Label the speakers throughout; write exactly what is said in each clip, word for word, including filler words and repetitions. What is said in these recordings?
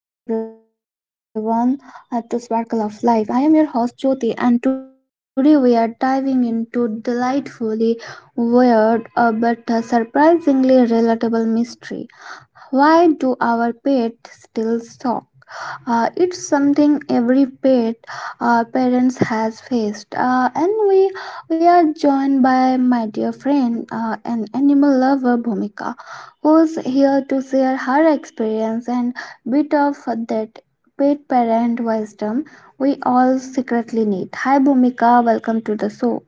Speaker 1: Hello and welcome back, everyone, uh, to Sparkle of Life. I am your host, Jyoti, and today we are diving into delightfully weird uh, but uh, surprisingly relatable mystery. Why do our pets still talk? Uh, it's something every pet uh, parents has faced, uh, and we we are joined by my dear friend uh, an animal lover Bhumika, who's here to share her experience and bit of that pet parent wisdom we all secretly need. Hi Bhumika, welcome to the show.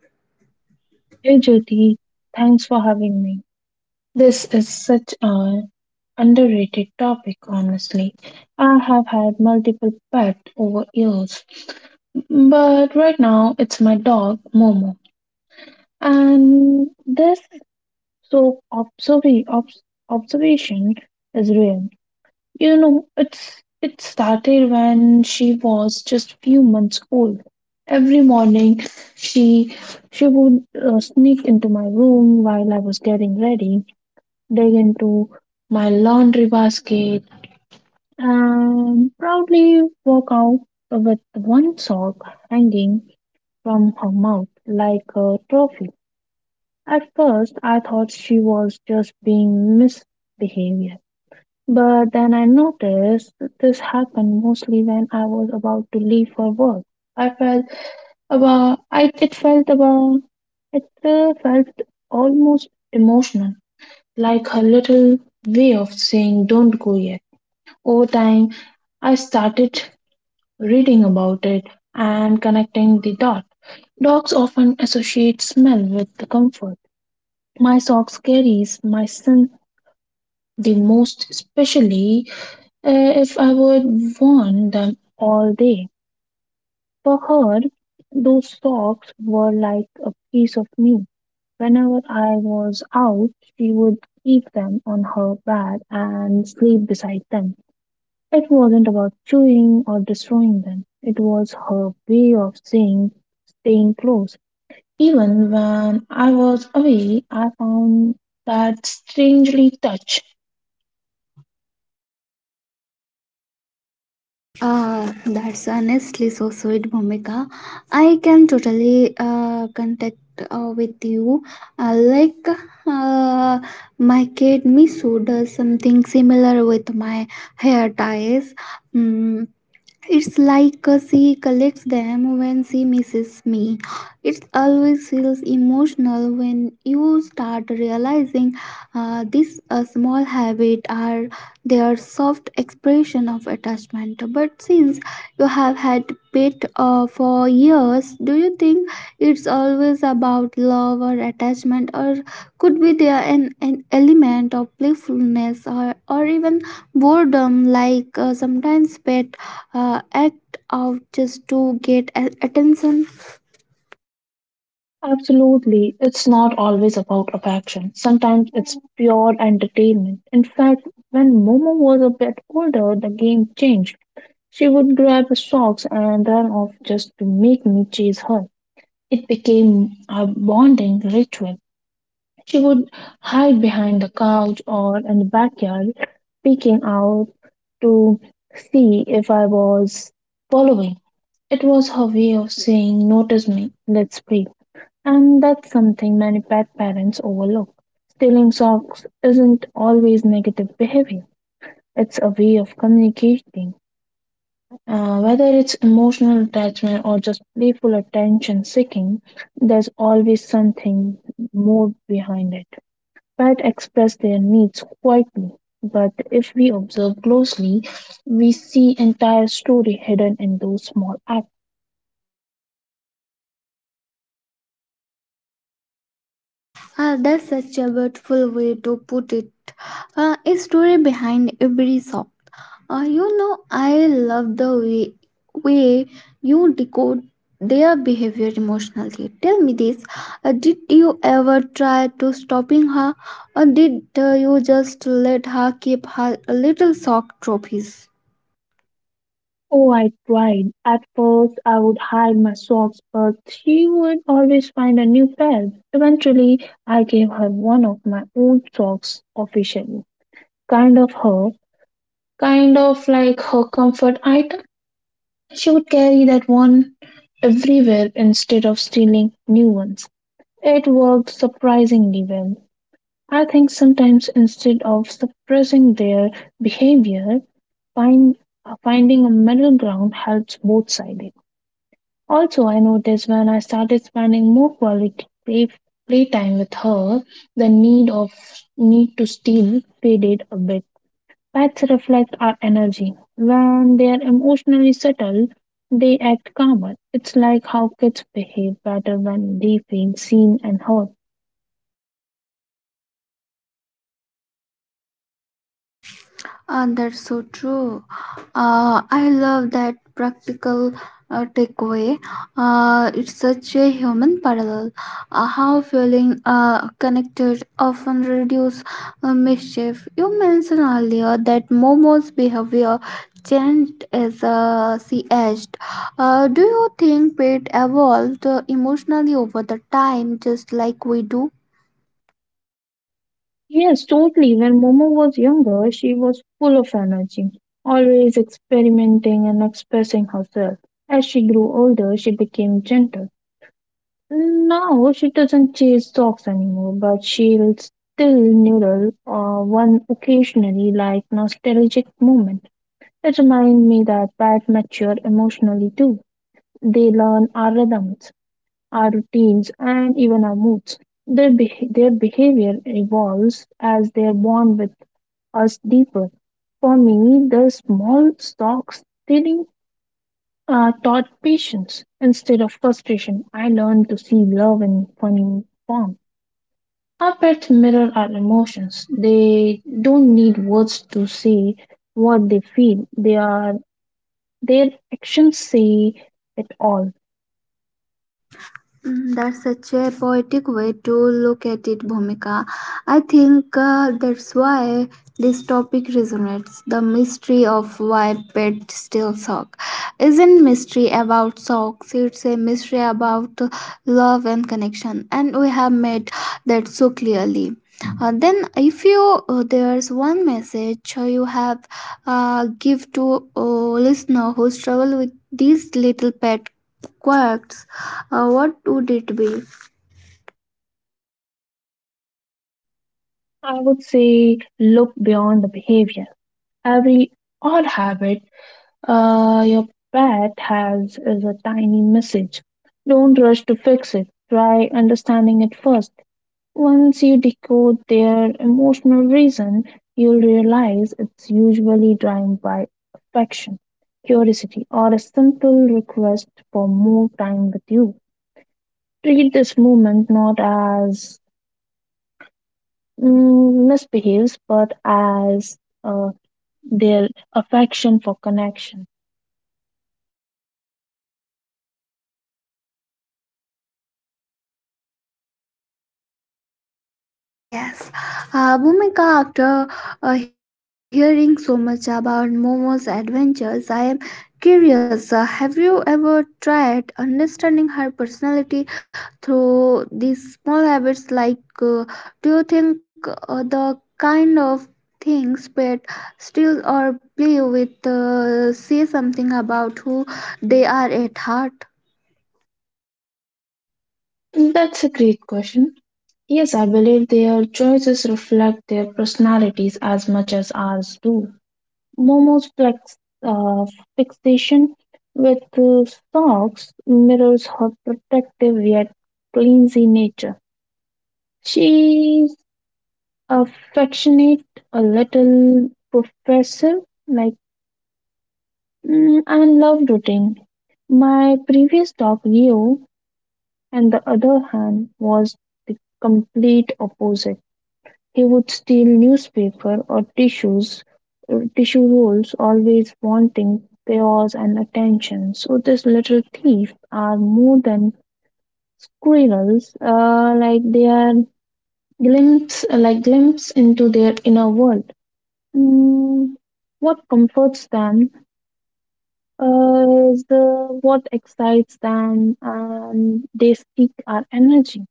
Speaker 2: Hey Jyoti, thanks for having me. This is such an underrated topic, honestly. I have had multiple pets over years, but right now it's my dog Momo. And this so observ- obs- observation is real. You know, it's it started when she was just few months old. Every morning, she she would uh, sneak into my room while I was getting ready, dig into my laundry basket, and proudly walk out with one sock hanging from her mouth like a trophy. At first, I thought she was just being misbehaved, but then I noticed that this happened mostly when I was about to leave for work. I felt about I it felt about it uh, felt almost emotional, like her little way of saying don't go yet. Over time, I started reading about it and connecting the dots. Dogs often associate smell with the comfort. My socks carries my scent the most, especially uh, if I would worn them all day. For her, those socks were like a piece of me. Whenever I was out, she would keep them on her bed and sleep beside them. It wasn't about chewing or destroying them. It was her way of saying, staying close. Even when I was away, I found that strangely touch.
Speaker 1: Ah, that's honestly so sweet, Bhumika. I can totally uh, contact uh, with you. Uh, like uh, my kid Misu does something similar with my hair ties. Mm, it's like uh, she collects them when she misses me. It always feels emotional when you start realizing uh, this uh, small habit are their soft expression of attachment. But since you have had pet uh, for years, do you think it's always about love or attachment, or could be there an, an element of playfulness or or even boredom? Like uh, sometimes pet uh, act out just to get a- attention.
Speaker 2: Absolutely. It's not always about affection. Sometimes it's pure entertainment. In fact, when Momo was a bit older, the game changed. She would grab the socks and run off just to make me chase her. It became a bonding ritual. She would hide behind the couch or in the backyard, peeking out to see if I was following. It was her way of saying, notice me, let's play. And that's something many pet parents overlook. Stealing socks isn't always negative behavior, it's a way of communicating. Uh, whether it's emotional attachment or just playful attention seeking, there's always something more behind it. Pets express their needs quietly, but if we observe closely, we see entire story hidden in those small acts.
Speaker 1: Uh, that's such a beautiful way to put it. Uh, a story behind every song. Uh, you know, I love the way, way you decode their behavior emotionally. Tell me this, uh, did you ever try to stopping her, or did uh, you just let her keep her little sock trophies?
Speaker 2: Oh, I tried. At first, I would hide my socks, but she would always find a new pair. Eventually, I gave her one of my old socks officially. Kind of her, kind of like her comfort item. She would carry that one everywhere instead of stealing new ones. It worked surprisingly well. I think sometimes instead of suppressing their behavior, find, finding a middle ground helps both sides. Also, I noticed when I started spending more quality play, playtime with her, the need of need to steal faded a bit. Pets reflect our energy. When they are emotionally settled, they act calmer. It's like how kids behave better when they feel seen and heard.
Speaker 1: Uh, that's so true. Uh, I love that practical uh, takeaway. Uh, it's such a human parallel. Uh, how feeling uh, connected often reduce uh, mischief. You mentioned earlier that Momo's behavior changed as uh, she aged. Uh, do you think Pete evolved uh, emotionally over the time, just like we do?
Speaker 2: Yes, totally. When Momo was younger, she was full of energy, always experimenting and expressing herself. As she grew older, she became gentle. Now she doesn't chase dogs anymore, but she'll still noodle uh, one occasionally, like nostalgic moment. It reminds me that pets mature emotionally too. They learn our rhythms, our routines, and even our moods. Their beh their behavior evolves as they're born with us deeper. For me, the small socks stealing uh, taught patience instead of frustration. I learned to see love in funny form. Our pets mirror our emotions. They don't need words to say what they feel. They are their actions say it all.
Speaker 1: Mhm. That's such a poetic way to look at it, Bhumika. I think uh, that's why this topic resonates. The mystery of why pets still suck isn't mystery about socks. It's a mystery about love and connection, and we have made that so clearly. Uh, then, if you uh, there's one message you have uh, give to uh, listener who struggle with these little pet quirks, uh, what would it be?
Speaker 2: I would say look beyond the behavior. Every odd habit uh, your pet has is a tiny message. Don't rush to fix it. Try understanding it first. Once you decode their emotional reason, you'll realize it's usually driven by affection, curiosity, or a simple request for more time with you. Treat this movement not as mm, misbehaves, but as uh, their affection for connection.
Speaker 1: Ah, yes. Uh, Bhumika, after uh, hearing so much about Momo's adventures, I am curious. Uh, have you ever tried understanding her personality through these small habits? Like, uh, do you think uh, the kind of things pet still or play with uh, say something about who they are at heart?
Speaker 2: That's a great question. Yes, I believe their choices reflect their personalities as much as ours do. Momo's flex, uh, fixation with uh, socks mirrors her protective yet cleansy nature. She's affectionate, a little professive, like mm, and loved routine. My previous dog, Rio, on the other hand, was the complete opposite. He would steal newspaper or tissues, uh, tissue rolls, always wanting chaos and attention. So these little thieves are more than squirrels, uh, like they are glimpse, uh, like glimpse into their inner world. Mm, what comforts them uh, is the, what excites them, and they seek our energy.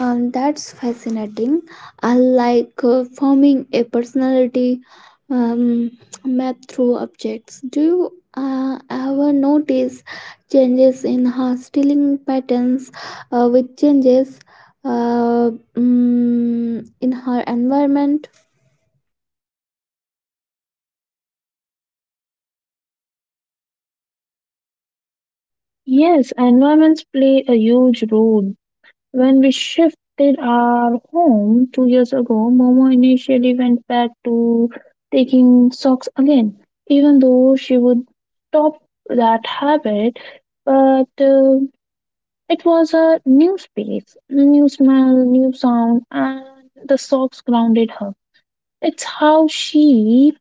Speaker 1: Um, that's fascinating. I like uh, forming a personality, um, map through objects. Do you uh, ever notice changes in her stealing patterns uh, with changes, uh, mm, in her environment?
Speaker 2: Yes, environments play a huge role. When we shifted our home two years ago, Momo initially went back to taking socks again, even though she would stop that habit. But uh, It was a new space, new smell, new sound, and the socks grounded her. It's how she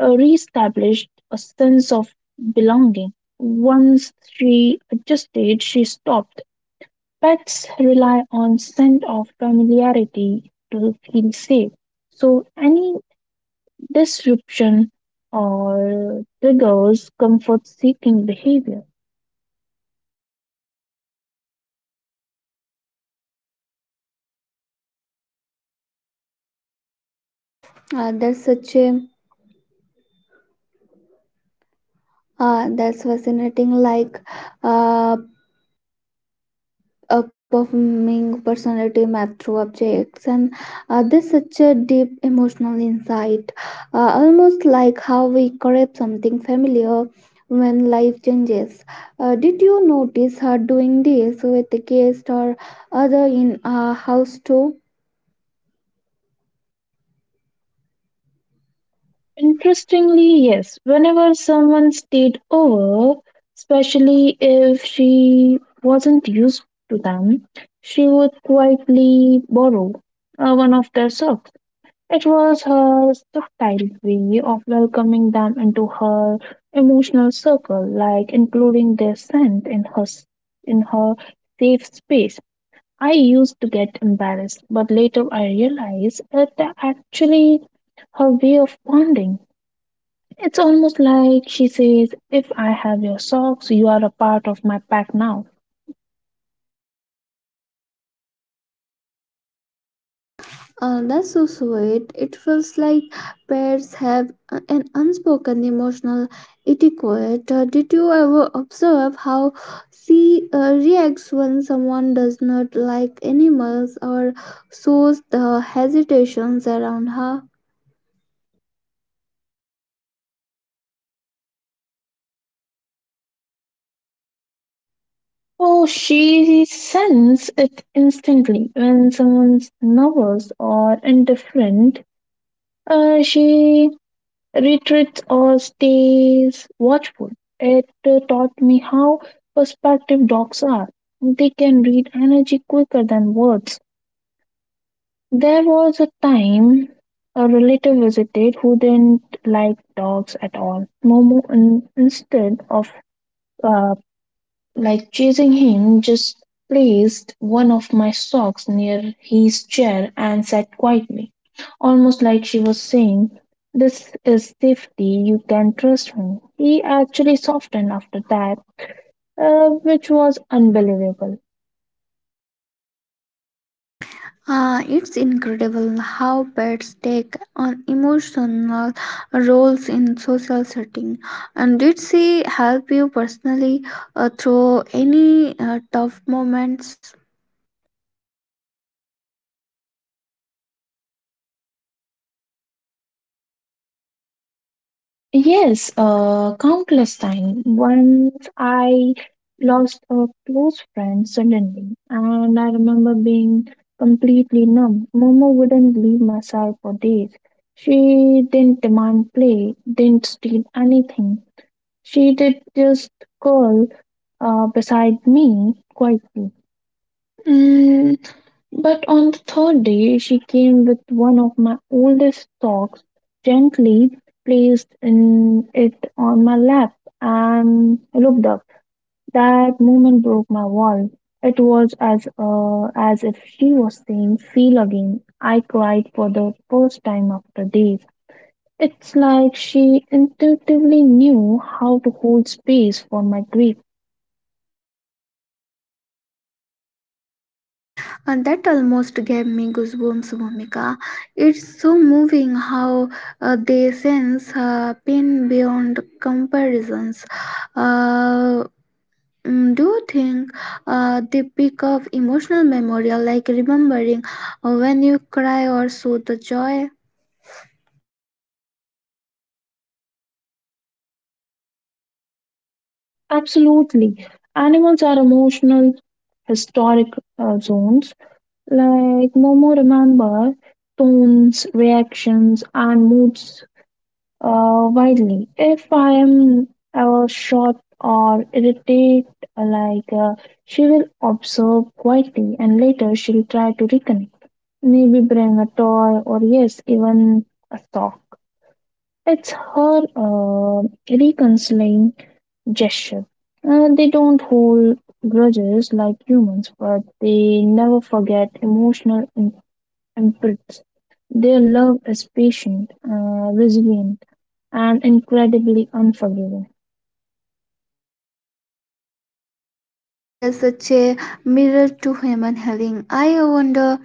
Speaker 2: uh, reestablished a sense of belonging. Once she adjusted, she stopped. Pets rely on scent of familiarity to feel safe. So any disruption or triggers comfort seeking behavior.
Speaker 1: Uh, that's such a uh, That's fascinating. Like uh, uh, performing personality map through objects, and uh, this such a deep emotional insight, uh, almost like how we crave something familiar when life changes. Uh, did you notice her doing this with the guest or other in our house too?
Speaker 2: Interestingly, yes, whenever someone stayed over, especially if she wasn't used to them, she would quietly borrow uh, one of their socks. It was her subtle way of welcoming them into her emotional circle, like including their scent in her s- in her safe space. I used to get embarrassed, but later I realized that actually her way of bonding. It's almost like she says, if I have your socks, you are a part of my pack now.
Speaker 1: Uh, that's so sweet. It feels like pairs have a- an unspoken emotional etiquette. Uh, did you ever observe how she uh, reacts when someone does not like animals or shows the hesitations around her?
Speaker 2: Oh, she senses it instantly when someone's nervous or indifferent. Uh, she retreats or stays watchful. It uh, taught me how perspective dogs are. They can read energy quicker than words. There was a time a relative visited who didn't like dogs at all. Momo, in, instead of uh, like chasing him, just placed one of my socks near his chair and sat quietly, almost like she was saying, "This is safety, you can trust me." He actually softened after that, uh, which was unbelievable.
Speaker 1: Ah, it's incredible how pets take on emotional roles in social setting. And did she help you personally uh, through any uh, tough moments?
Speaker 2: Yes, uh, countless times. Once I lost a close friend suddenly, and I remember being completely numb. Momo wouldn't leave my side for days. She didn't demand play, didn't steal anything. She did just curl uh, beside me quietly. Mm, but on the third day she came with one of my oldest socks, gently placed in it on my lap, and I looked up. That moment broke my wall. It was as uh, as if she was saying, "Feel again." I cried for the first time after days. It's like she intuitively knew how to hold space for my grief.
Speaker 1: And that almost gave me goosebumps, Momika. It's so moving how uh, they sense uh, pain beyond comparisons. Uh, mm, do you think uh, they pick up emotional memorial like remembering uh, when you cry or so the joy?
Speaker 2: Absolutely, animals are emotional historic uh, zones. Like Momo remember tones, reactions, and moods uh, widely. If I am ever short or irritated, like uh, she will observe quietly, and later she'll try to reconnect. Maybe bring a toy or yes, even a sock. It's her uh, reconciling gesture. Uh, they don't hold grudges like humans, but they never forget emotional and Brits. Their love is patient, uh, resilient, and incredibly unforgiving.
Speaker 1: Uh, there's such a mirror to human healing. I wonder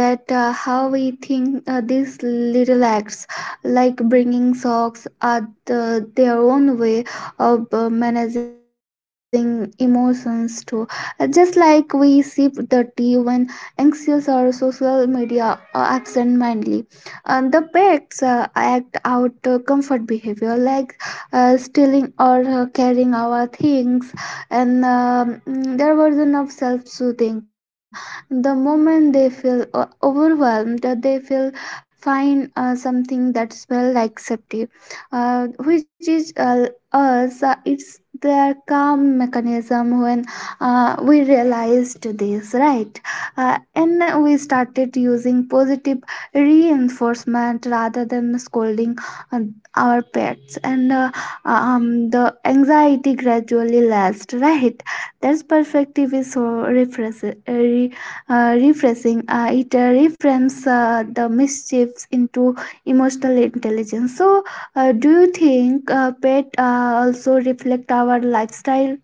Speaker 1: that uh, how we think uh, these little acts, like bringing socks, are the, their own way of uh, managing emotions too. Uh, Just like we sip the tea when anxious or social media or absent-mindedly, uh, the pets uh, act out uh, comfort behavior like uh, stealing or uh, carrying our things, and um, mm, their version of self-soothing the moment they feel o- overwhelmed, uh, they feel find uh, something that smells like safety, uh, which is uh, us, uh, it's their calm mechanism. When uh, we realized this, right, uh, and we started using positive reinforcement rather than scolding uh, our pets, and uh, um, the anxiety gradually less right? That perspective is so refresh, uh, re, uh, refreshing. Uh, it uh, reframes uh, the mischiefs into emotional intelligence. So, uh, do you think uh, pet uh, also reflect our lifestyle?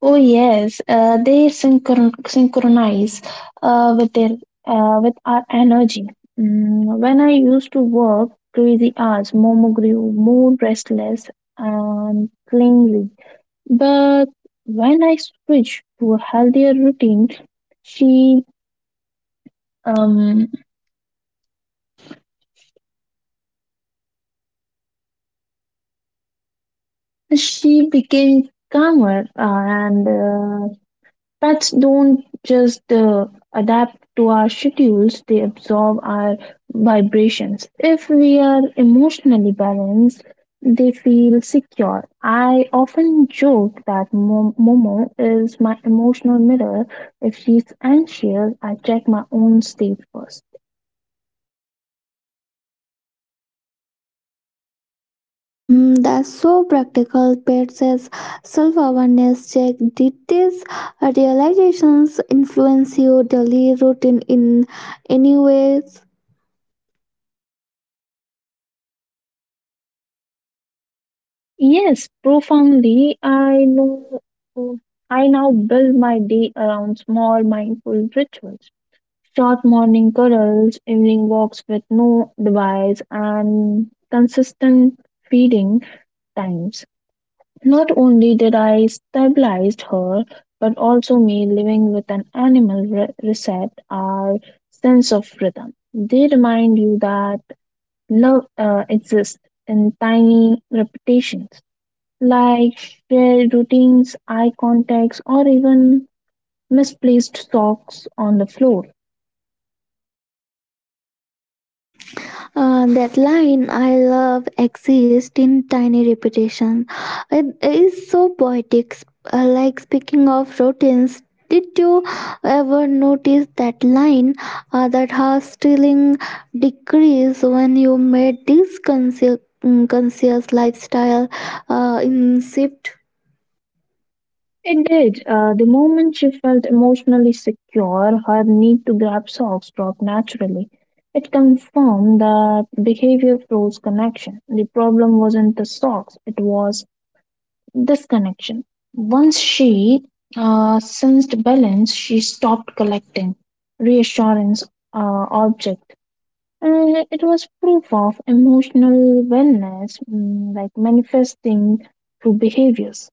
Speaker 2: Oh yes, uh, they synchron- synchronize uh, with their uh, with our energy. Mm, when I used to work crazy hours, Momo grew more restless and clingy. But when I switched to a healthier routine, she um, she became calmer uh, and uh, Pets don't just uh, adapt to our schedules, they absorb our vibrations. If we are emotionally balanced, they feel secure. I often joke that Mo- Momo is my emotional mirror. If she's anxious, I check my own state first.
Speaker 1: Mm, that's so practical. Pets says self awareness check. Did these uh, realizations influence your daily routine in any ways?
Speaker 2: Yes, profoundly, I know I now build my day around small mindful rituals. Short morning cuddles, evening walks with no device, and consistent feeding times. Not only did I stabilised her, but also made living with an animal re- reset our sense of rhythm. They remind you that love uh, exists in tiny repetitions, like shared routines, eye contacts, or even misplaced socks on the floor.
Speaker 1: Uh, that line, I love exists in tiny repetition. It is so poetic. Uh, like speaking of routines, did you ever notice that line uh, that has stealing decrease when you made this conscious, conscious lifestyle uh, in shift?
Speaker 2: It did. Uh, the moment she felt emotionally secure, her need to grab socks dropped naturally. It confirmed that behavior froze connection. The problem wasn't the socks, it was disconnection. Once she uh, sensed balance, she stopped collecting reassurance uh, object. And it was proof of emotional wellness, mm, like manifesting through behaviors.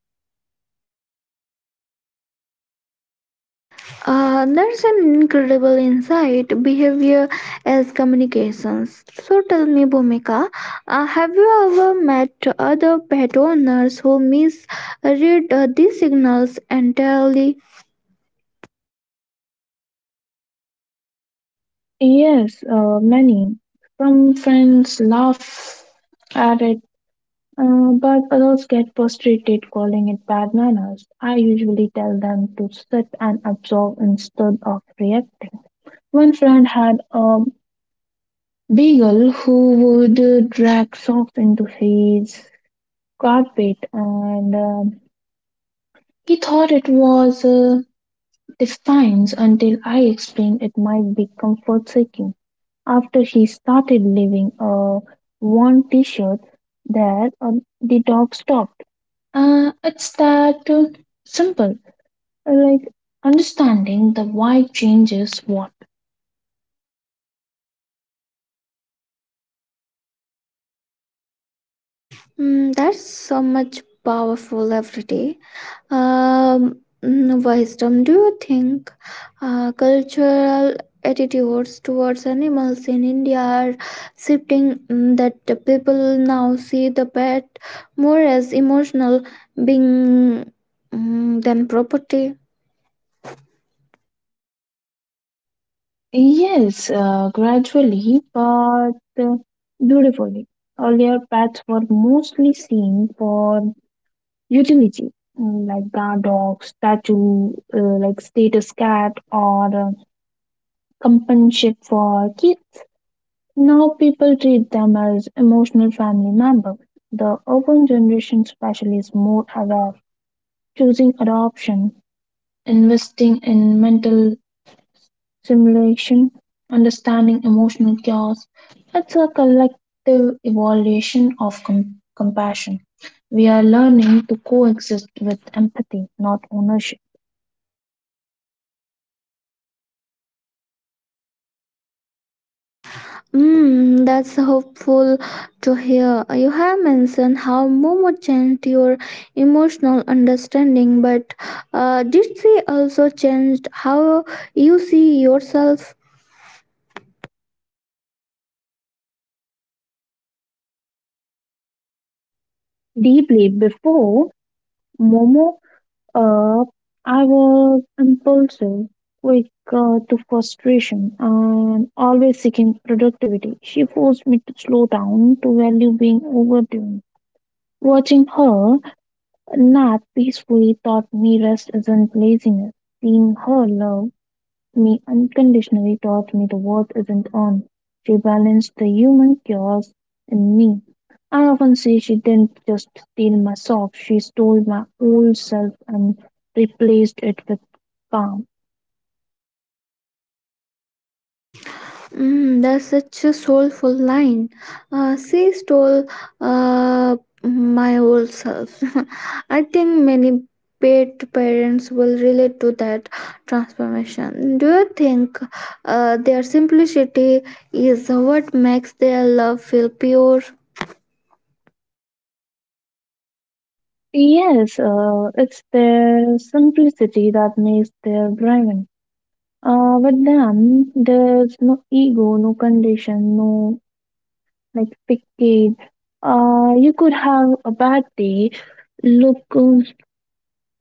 Speaker 1: Uh, that's an incredible insight. Behavior as communications. So tell me, Bhumika, uh, have you ever met other pet owners who misread uh, these signals entirely?
Speaker 2: Yes, uh, many. Some friends laugh at it, uh, but others get frustrated calling it bad manners. I usually tell them to sit and absorb instead of reacting. One friend had a beagle who would uh, drag socks into his carpet, and um he thought it was uh, defiance until I explained it might be comfort-seeking. After he started leaving a worn t-shirt there, uh, the dog stopped. Uh, it's that uh, simple. Like understanding the why changes what.
Speaker 1: Mm, that's so much powerful every day. Um, mm, wisdom. Do you think uh, cultural attitudes towards animals in India are shifting, mm, that the people now see the pet more as emotional being, mm, than property?
Speaker 2: Yes, uh, gradually, but uh, beautifully. Earlier, pets were mostly seen for utility, mm, like guard dog, statue, uh, like status cat, or uh, companionship for kids. Now people treat them as emotional family member. The urban generation, especially, is more aware, of choosing adoption, investing in mental simulation, understanding emotional chaos. It's a collective evaluation of com- compassion. We are learning to coexist with empathy, not ownership.
Speaker 1: Mm, that's hopeful to hear. You have mentioned how Momo changed your emotional understanding, but uh, did she also change how you see yourself?
Speaker 2: Deeply before Momo. Uh, I was impulsive, quick uh, to frustration, and always seeking productivity. She forced me to slow down, to value being overdone. Watching her nap peacefully taught me rest isn't laziness. Seeing her love me unconditionally taught me the world isn't on. She balanced the human chaos in me. I often say she didn't just steal my socks, she stole my old self and replaced it with calm.
Speaker 1: Mm, that's such a soulful line. Uh, she stole uh, my old self. I think many pet parents will relate to that transformation. Do you think uh, their simplicity is what makes their love feel pure?
Speaker 2: Yes, uh, it's their simplicity that makes their driven. Uh, with them, there's no ego, no condition, no like pickade. Uh, you could have a bad day, look uh,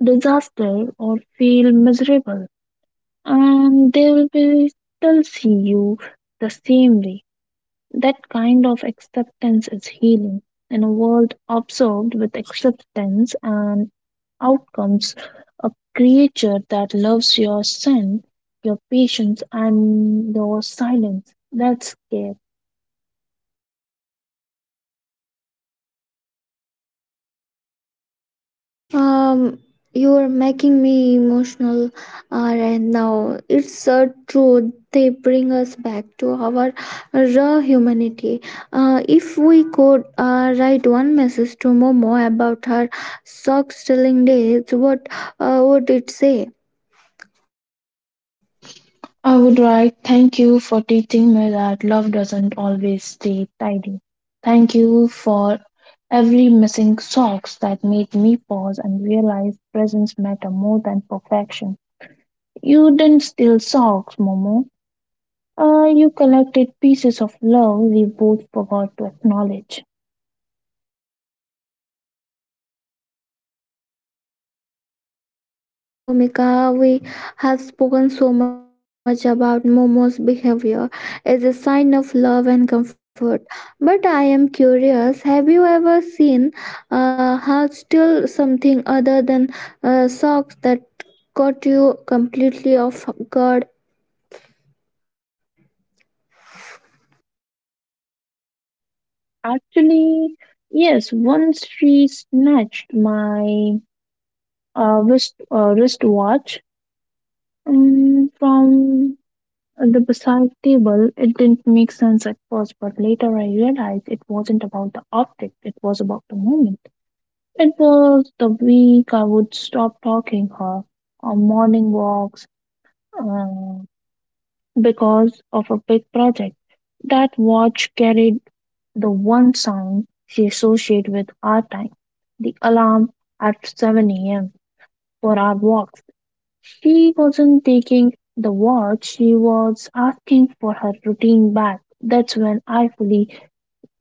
Speaker 2: disaster or feel miserable, and they will be still see you the same way. That kind of acceptance is healing. In a world absorbed with acceptance and outcomes, a creature that loves your sin, your patience, and your silence. That's care.
Speaker 1: Um, you're making me emotional uh, right now. It's uh, true. They bring us back to our raw humanity. Uh, if we could uh, write one message to Momo about her sock stealing days, what uh, would it say?
Speaker 2: I would write, thank you for teaching me that love doesn't always stay tidy. Thank you for every missing socks that made me pause and realize presence matter more than perfection. You didn't steal socks, Momo. Uh, you collected pieces of love we both forgot to acknowledge.
Speaker 1: Uh, Bhumika, we have spoken so much about Momo's behavior as a sign of love and comfort. But I am curious, have you ever seen uh, her still something other than uh, socks that caught you completely off guard?
Speaker 2: Actually, yes, once she snatched my uh, wrist, uh, wristwatch um, from the beside table. It didn't make sense at first, but later I realized it wasn't about the object, it was about the moment. It was the week I would stop talking her on morning walks uh, because of a big project. That watch carried the one sound she associated with our time, the alarm at seven a m for our walks. She wasn't taking the watch, she was asking for her routine back. That's when I fully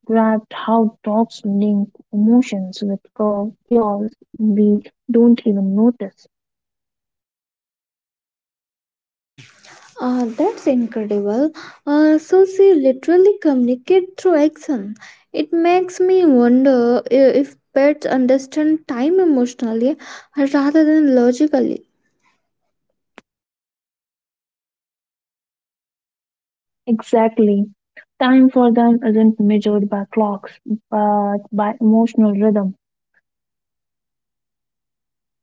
Speaker 2: grabbed how dogs link emotions with cu- cures we don't even notice.
Speaker 1: Uh, that's incredible. Uh, so she literally communicate through action. It makes me wonder i- if pets understand time emotionally rather than logically.
Speaker 2: Exactly. Time for them isn't measured by clocks, but by emotional rhythm.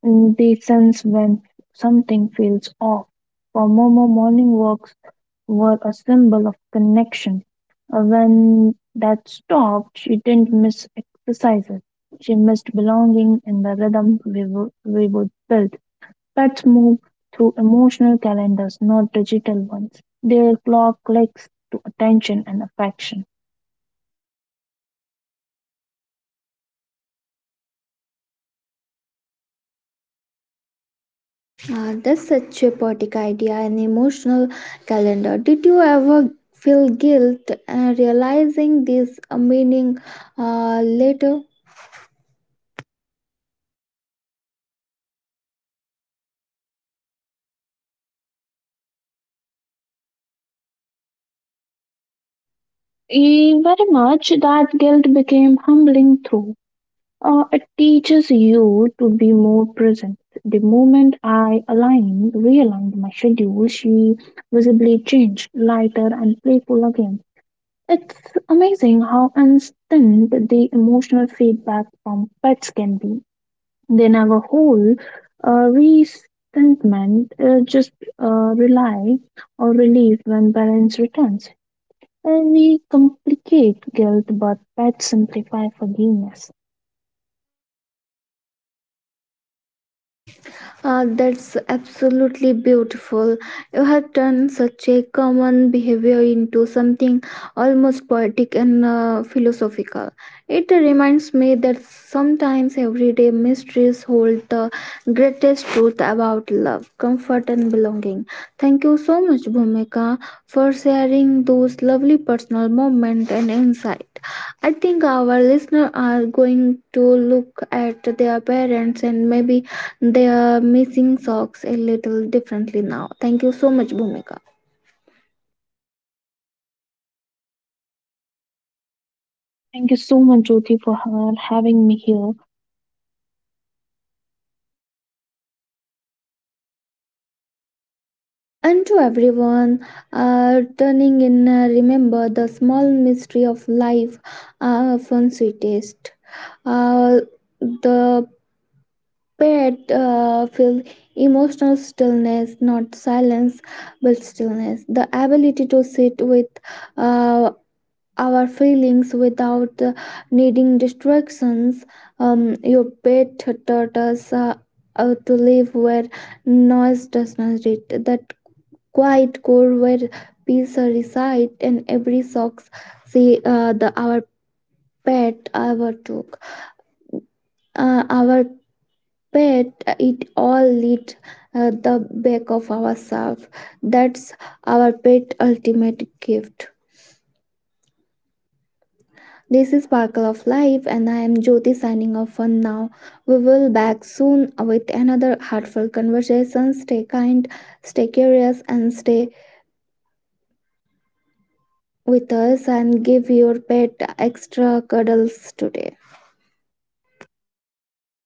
Speaker 2: In the sense when something feels off. For Momo, morning walks were a symbol of connection. Uh, When that stopped, she didn't miss exercises. She missed belonging in the rhythm we, wo- we would build. Pets move through emotional calendars, not digital ones. Their clock clicks to attention and affection.
Speaker 1: Ah, that's such a poetic idea, an emotional calendar. Did you ever feel guilt uh, realizing this uh, meaning uh, later?
Speaker 2: Eh, Very much that guilt became humbling through. Uh, it teaches you to be more present. The moment I aligned, realigned my schedule, she visibly changed, lighter and playful again. It's amazing how instant the emotional feedback from pets can be. They never hold uh, resentment, uh, just uh, rely or relief when balance returns. Uh, we complicate guilt, but pets simplify forgiveness.
Speaker 1: Uh, that's absolutely beautiful. You have turned such a common behavior into something almost poetic and uh, philosophical. It reminds me that sometimes everyday mysteries hold the greatest truth about love, comfort, and belonging. Thank you so much, Bhumika, for sharing those lovely personal moments and insight. I think our listeners are going to look at their parents and maybe they are missing socks a little differently now. Thank you so much, Bhumika.
Speaker 2: Thank you so much, Jyoti, for ha- having me here.
Speaker 1: And to everyone uh, turning in, uh, remember the small mystery of life are often sweetest. Uh, the pet uh, feels emotional stillness, not silence, but stillness. The ability to sit with uh, our feelings without uh, needing distractions. Um, your pet taught us uh, uh, to live where noise does not reach, that quiet core where peace resides, and every socks see uh, the our pet ever took. Uh, our pet, uh, it all lit uh, the back of ourself. That's our pet ultimate gift. This is Sparkle of Life, and I am Jyoti signing off for now. We will back soon with another heartfelt conversation. Stay kind, stay curious, and stay with us. And give your pet extra cuddles today.